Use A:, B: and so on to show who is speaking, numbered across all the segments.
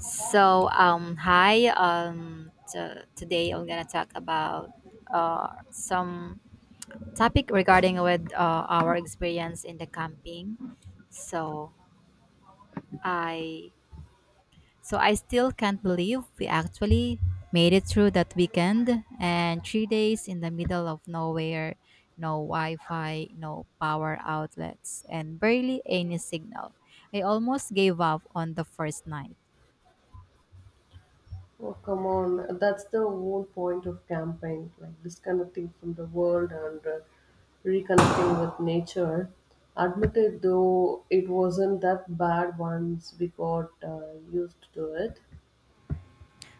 A: So, hi. Today I'm gonna talk about some topic regarding with our experience in the camping. So I so I still can't believe we actually made it through that weekend and 3 days in the middle of nowhere, no Wi-Fi, no power outlets, and barely any signal. I almost gave up on the first night.
B: Oh, come on. That's the whole point of camping, like disconnecting from the world and reconnecting with nature. Admit it, though, it wasn't that bad once we got used to it.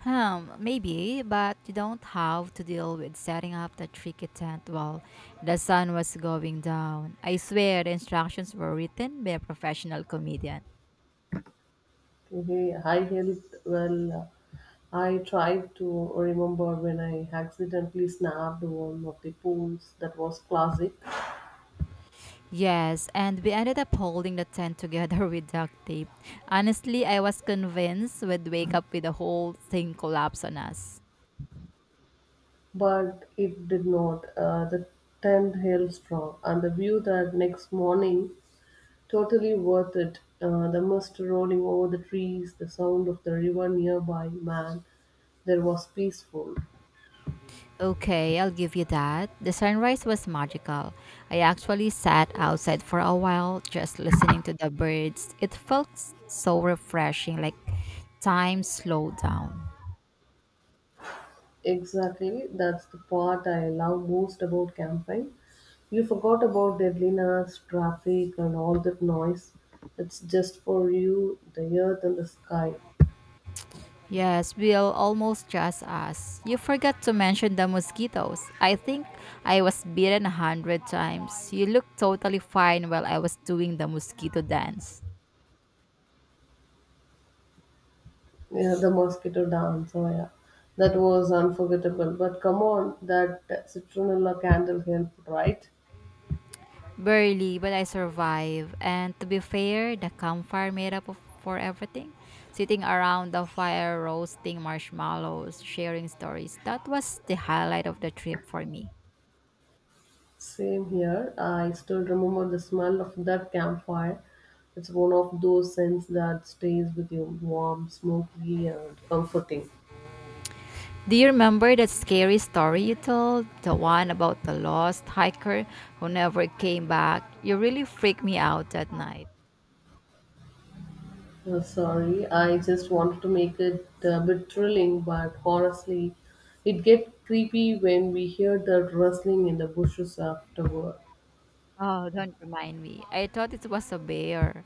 A: Hmm, maybe, but you don't have to deal with setting up the tricky tent while the sun was going down. I swear the instructions were written by a professional comedian.
B: Okay, I helped, I tried to remember when I accidentally snapped one of the pools that was classic,
A: Yes, and we ended up holding the tent together with duct tape. Honestly, I was convinced we'd wake up with the whole thing collapse on us.
B: but it did not. The tent held strong, and the view that next morning totally worth it. The mist rolling over the trees, the sound of the river nearby, man, there was peaceful.
A: Okay, I'll give you that. The sunrise was magical. I actually sat outside for a while just listening to the birds. It felt so refreshing, like time slowed down.
B: Exactly, that's the part I love most about camping. You forgot about deadliness, traffic, and all that noise. It's just for you, the earth and the sky.
A: Yes, Bill, almost just us. You forgot to mention the mosquitoes. I think I was bitten 100 times. You looked totally fine while I was doing the mosquito dance.
B: Yeah, the mosquito dance. Oh, yeah. That was unforgettable. But come on, that citronella candle helped, right?
A: Barely, but I survived. And to be fair, the campfire made up for everything. Sitting around the fire, roasting marshmallows, sharing stories. That was the highlight of the trip for me.
B: Same here. I still remember the smell of that campfire. It's one of those scents that stays with you warm, smoky, and comforting.
A: Do you remember that scary story you told? The one about the lost hiker who never came back? You really freaked me out that night.
B: Sorry, I just wanted to make it a bit thrilling, but honestly, it gets creepy when we hear that rustling in the bushes afterward.
A: Oh, don't remind me. I thought it was a bear.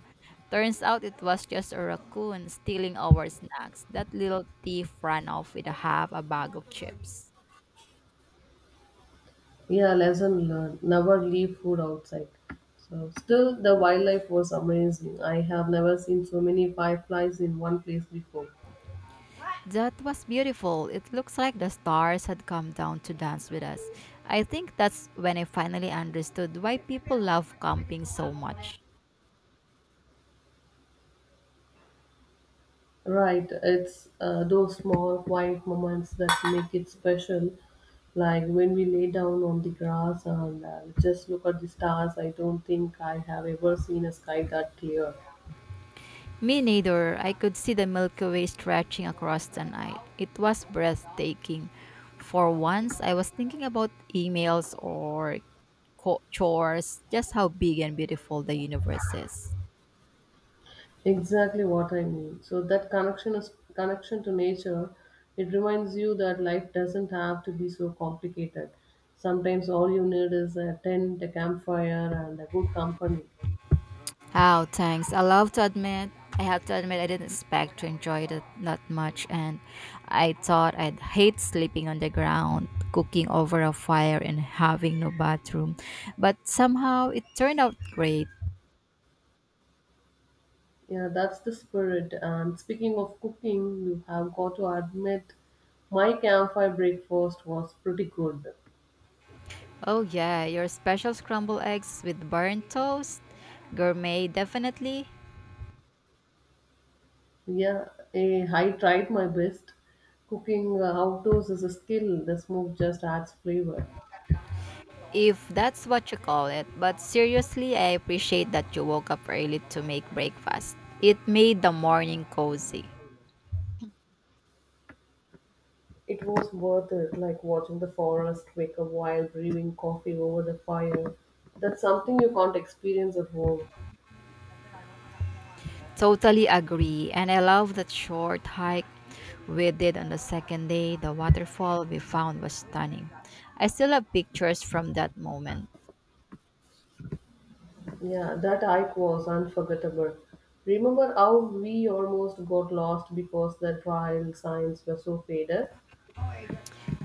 A: Turns out it was just a raccoon stealing our snacks. That little thief ran off with a half a bag of chips.
B: Yeah, lesson learned. Never leave food outside. So still the wildlife was amazing. I have never seen so many fireflies in one place before.
A: That was beautiful. It looks like the stars had come down to dance with us. I think that's when I finally understood why people love camping so much.
B: Right, it's those small quiet moments that make it special, like when we lay down on the grass and just look at the stars. I don't think I have ever seen a sky that clear.
A: Me neither. I could see the Milky Way stretching across the night. It was breathtaking. For once, I was thinking about emails or chores, just how big and beautiful the universe is.
B: Exactly what I mean. So that connection is connection to nature. It reminds you that life doesn't have to be so complicated. Sometimes all you need is a tent, a campfire, and a good company.
A: Oh, thanks. I have to admit, I didn't expect to enjoy it that much, and I thought I'd hate sleeping on the ground, cooking over a fire, and having no bathroom. But somehow it turned out great.
B: Yeah, that's the spirit. And speaking of cooking, you have got to admit my campfire breakfast was pretty good.
A: Oh yeah, your special scrambled eggs with burnt toast. Gourmet definitely,
B: Yeah, I tried my best. Cooking outdoors is a skill. The smoke just adds flavor.
A: if that's what you call it. But seriously, I appreciate that you woke up early to make breakfast. It made the morning cozy.
B: It was worth it, like watching the forest wake up while brewing coffee over the fire. That's something you can't experience at home.
A: Totally agree, and I love that short hike we did on the second day. The waterfall we found was stunning. I still have pictures from that moment.
B: Yeah, that hike was unforgettable. Remember how we almost got lost because the trail signs were so faded?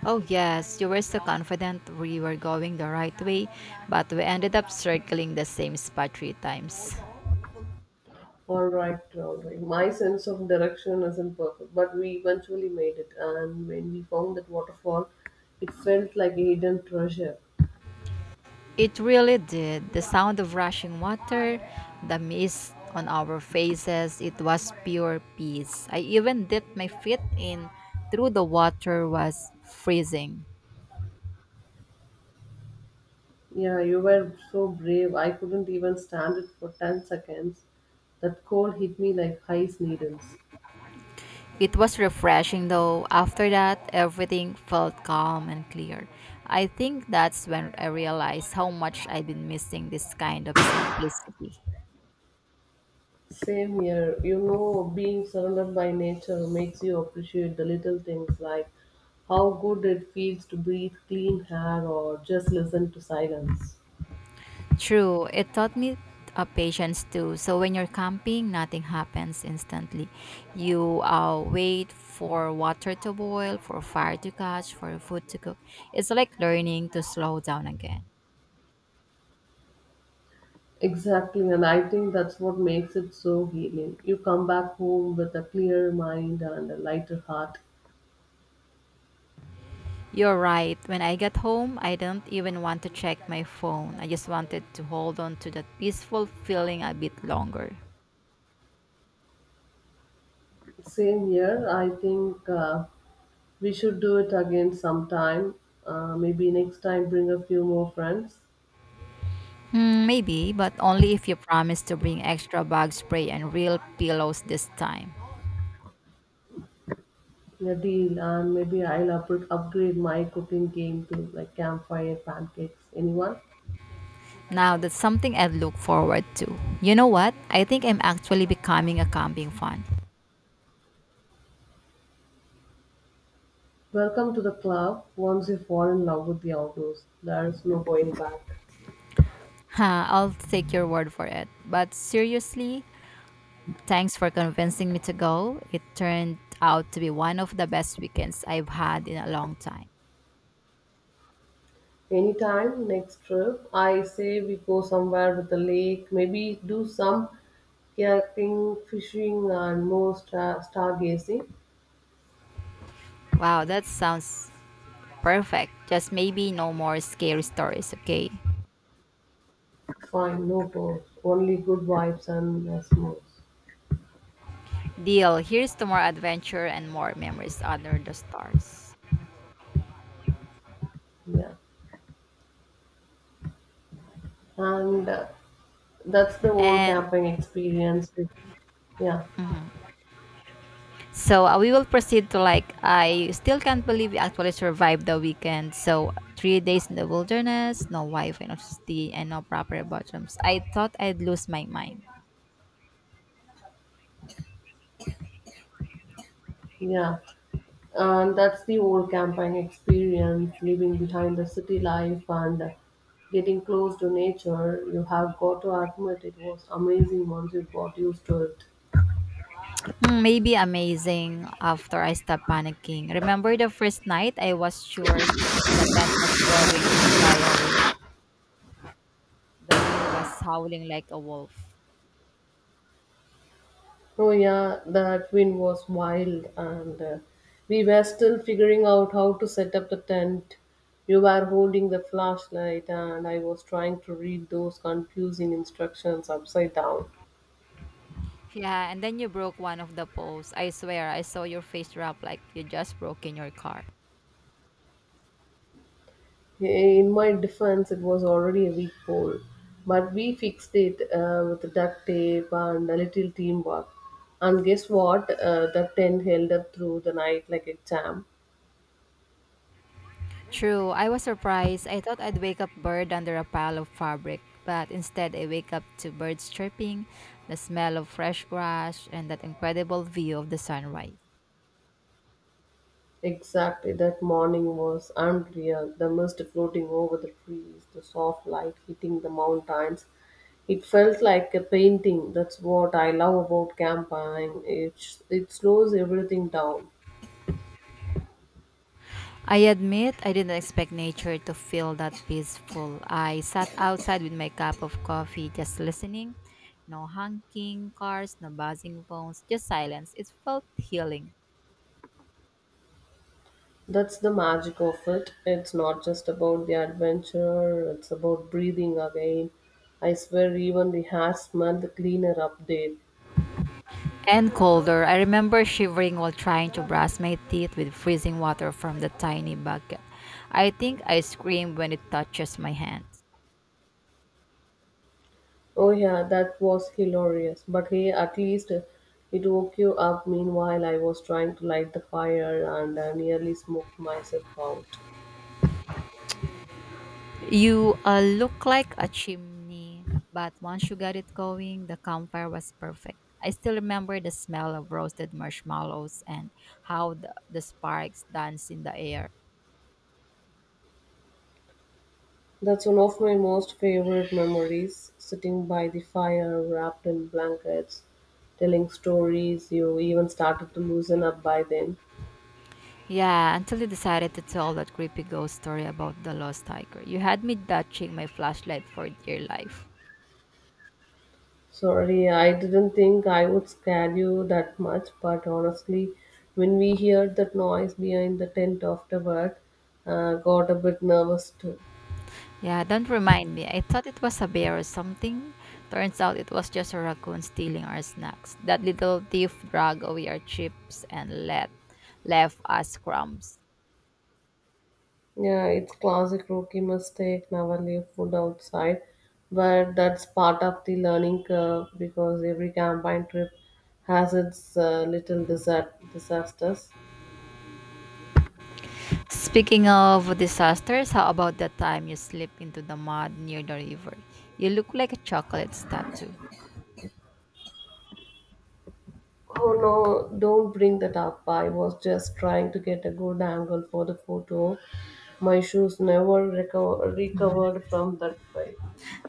A: Oh, yes, you were so confident we were going the right way, but we ended up circling the same spot 3 times.
B: All right, all right. My sense of direction isn't perfect, but we eventually made it. And when we found that waterfall, it felt like a hidden treasure.
A: It really did. The sound of rushing water, the mist on our faces, it was pure peace. I even dipped my feet in through the water was freezing.
B: Yeah, you were so brave. I couldn't even stand it for 10 seconds. That cold hit me like ice needles.
A: It was refreshing though. After that, everything felt calm and clear. I think that's when I realized how much I've been missing this kind of simplicity.
B: Same here. You know, being surrounded by nature makes you appreciate the little things like how good it feels to breathe clean air or just listen to silence.
A: True. It taught me patience too. So when you're camping, nothing happens instantly. You wait for water to boil, for fire to catch, for food to cook. It's like learning to slow down again.
B: Exactly, and I think that's what makes it so healing. You come back home with a clearer mind and a lighter heart.
A: You're right. When I got home, I didn't even want to check my phone. I just wanted to hold on to that peaceful feeling a bit longer.
B: Same here, I think we should do it again sometime. Maybe next time, bring a few more friends.
A: Hmm, maybe, but only if you promise to bring extra bug spray and real pillows this time.
B: Yeah, deal. And maybe I'll upgrade my cooking game to like campfire pancakes. Anyone?
A: Now that's something I've looked forward to. You know what? I think I'm actually becoming a camping fan.
B: Welcome to the club. Once you fall in love with the outdoors, there's no going back.
A: Ha, I'll take your word for it. But seriously, thanks for convincing me to go. It turned out to be one of the best weekends I've had in a long time.
B: Anytime next trip, I say we go somewhere with the lake. Maybe do some kayaking, fishing, and more stargazing.
A: Wow, that sounds perfect. Just maybe no more scary stories, okay?
B: Fine, no pause. Only good vibes and smokes.
A: Deal. Here's to more adventure and more memories under the stars.
B: Yeah, and That's the whole
A: And
B: camping experience. Yeah.
A: Mhm. So we will proceed to, like, I still can't believe we actually survived the weekend. So 3 days in the wilderness, no Wi-Fi, no electricity, and no proper bathrooms. I thought I'd lose my mind.
B: Yeah, and that's the old camping experience, leaving behind the city life and getting close to nature. You have got to admit it was amazing once you got used to it.
A: Hmm, maybe amazing after I stopped panicking. Remember the first night? I was sure the tent was going to fly away. The wind was howling like a wolf.
B: Oh yeah, that wind was wild, and we were still figuring out how to set up the tent. You were holding the flashlight, and I was trying to read those confusing instructions upside down.
A: Yeah, and then you broke one of the poles. I swear, I saw your face drop like you just broke in your car.
B: In my defense, it was already a weak pole, but we fixed it with duct tape and a little teamwork. And guess what? The tent held up through the night like a champ.
A: True, I was surprised. I thought I'd wake up buried under a pile of fabric, but instead I wake up to birds chirping, the smell of fresh grass, and that incredible view of the sunrise.
B: Exactly, that morning was unreal. The mist floating over the trees, the soft light hitting the mountains. It felt like a painting. That's what I love about camping. It slows everything down.
A: I admit I didn't expect nature to feel that peaceful. I sat outside with my cup of coffee just listening. No honking cars, no buzzing phones, just silence. It felt healing.
B: That's the magic of it. It's not just about the adventure, it's about breathing again. I swear, even the hair smelled cleaner up there.
A: And colder. I remember shivering while trying to brush my teeth with freezing water from the tiny bucket. I think I scream when it touches my hands.
B: Oh, yeah, that was hilarious. But hey, at least it woke you up. Meanwhile, I was trying to light the fire and I nearly smoked myself out.
A: You look like a chimney, but once you got it going, the campfire was perfect. I still remember the smell of roasted marshmallows and how the sparks danced in the air.
B: That's one of my most favorite memories sitting by the fire, wrapped in blankets, telling stories. You even started to loosen up by then.
A: Yeah, until you decided to tell that creepy ghost story about the lost tiger. You had me clutching my flashlight for dear life.
B: Sorry, I didn't think I would scare you that much, but honestly, when we heard that noise behind the tent afterward, got a bit nervous too.
A: Yeah, don't remind me. I thought it was a bear or something. Turns out it was just a raccoon stealing our snacks. That little thief dragged away our chips and let left us crumbs.
B: Yeah, it's classic rookie mistake, never leave food outside, but that's part of the learning curve because every campaign trip has its little disasters.
A: Speaking of disasters, how about the time you slip into the mud near the river? You look like a chocolate statue.
B: Oh no, don't bring that up. I was just trying to get a good angle for the photo. My shoes never recover, recovered from that bite.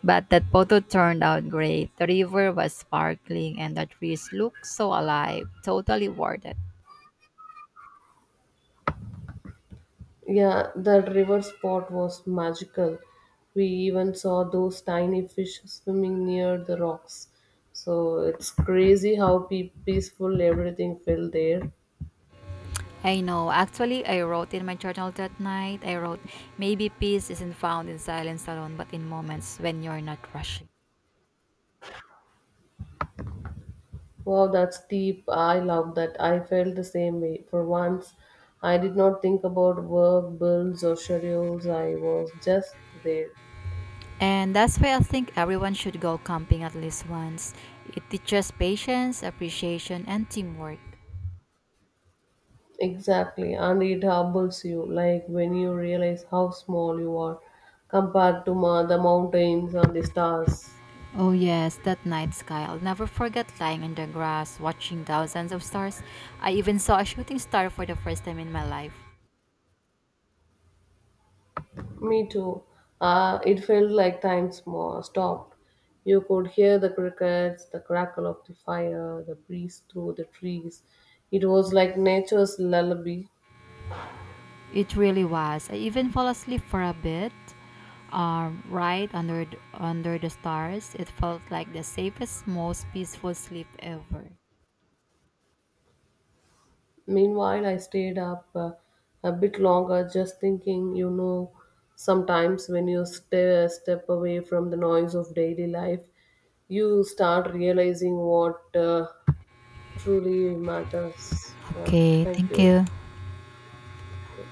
A: But that photo turned out great. The river was sparkling and the trees looked so alive. Totally worth it.
B: Yeah, that river spot was magical. We even saw those tiny fish swimming near the rocks. So it's crazy how peaceful everything felt there.
A: I know. Actually, I wrote in my journal that night. I wrote, maybe peace isn't found in silence alone, but in moments when you're not rushing.
B: Wow, that's deep. I love that. I felt the same way. For once, I did not think about work, bills, or schedules. I was just there.
A: And that's why I think everyone should go camping at least once. It teaches patience, appreciation, and teamwork.
B: Exactly. And it humbles you, like when you realize how small you are compared to the mountains and the stars.
A: Oh, yes, that night sky. I'll never forget lying in the grass, watching thousands of stars. I even saw a shooting star for the first time in my life.
B: Me too. It felt like time stopped. You could hear the crickets, the crackle of the fire, the breeze through the trees. It was like nature's lullaby.
A: It really was. I even fell asleep for a bit. Right under the stars. It felt like the safest, most peaceful sleep ever.
B: Meanwhile, I stayed up a bit longer just thinking, you know, sometimes when you step away from the noise of daily life, you start realizing what truly matters. Yeah,
A: Okay,
B: thank
A: thank
B: you.
A: you.
B: Okay.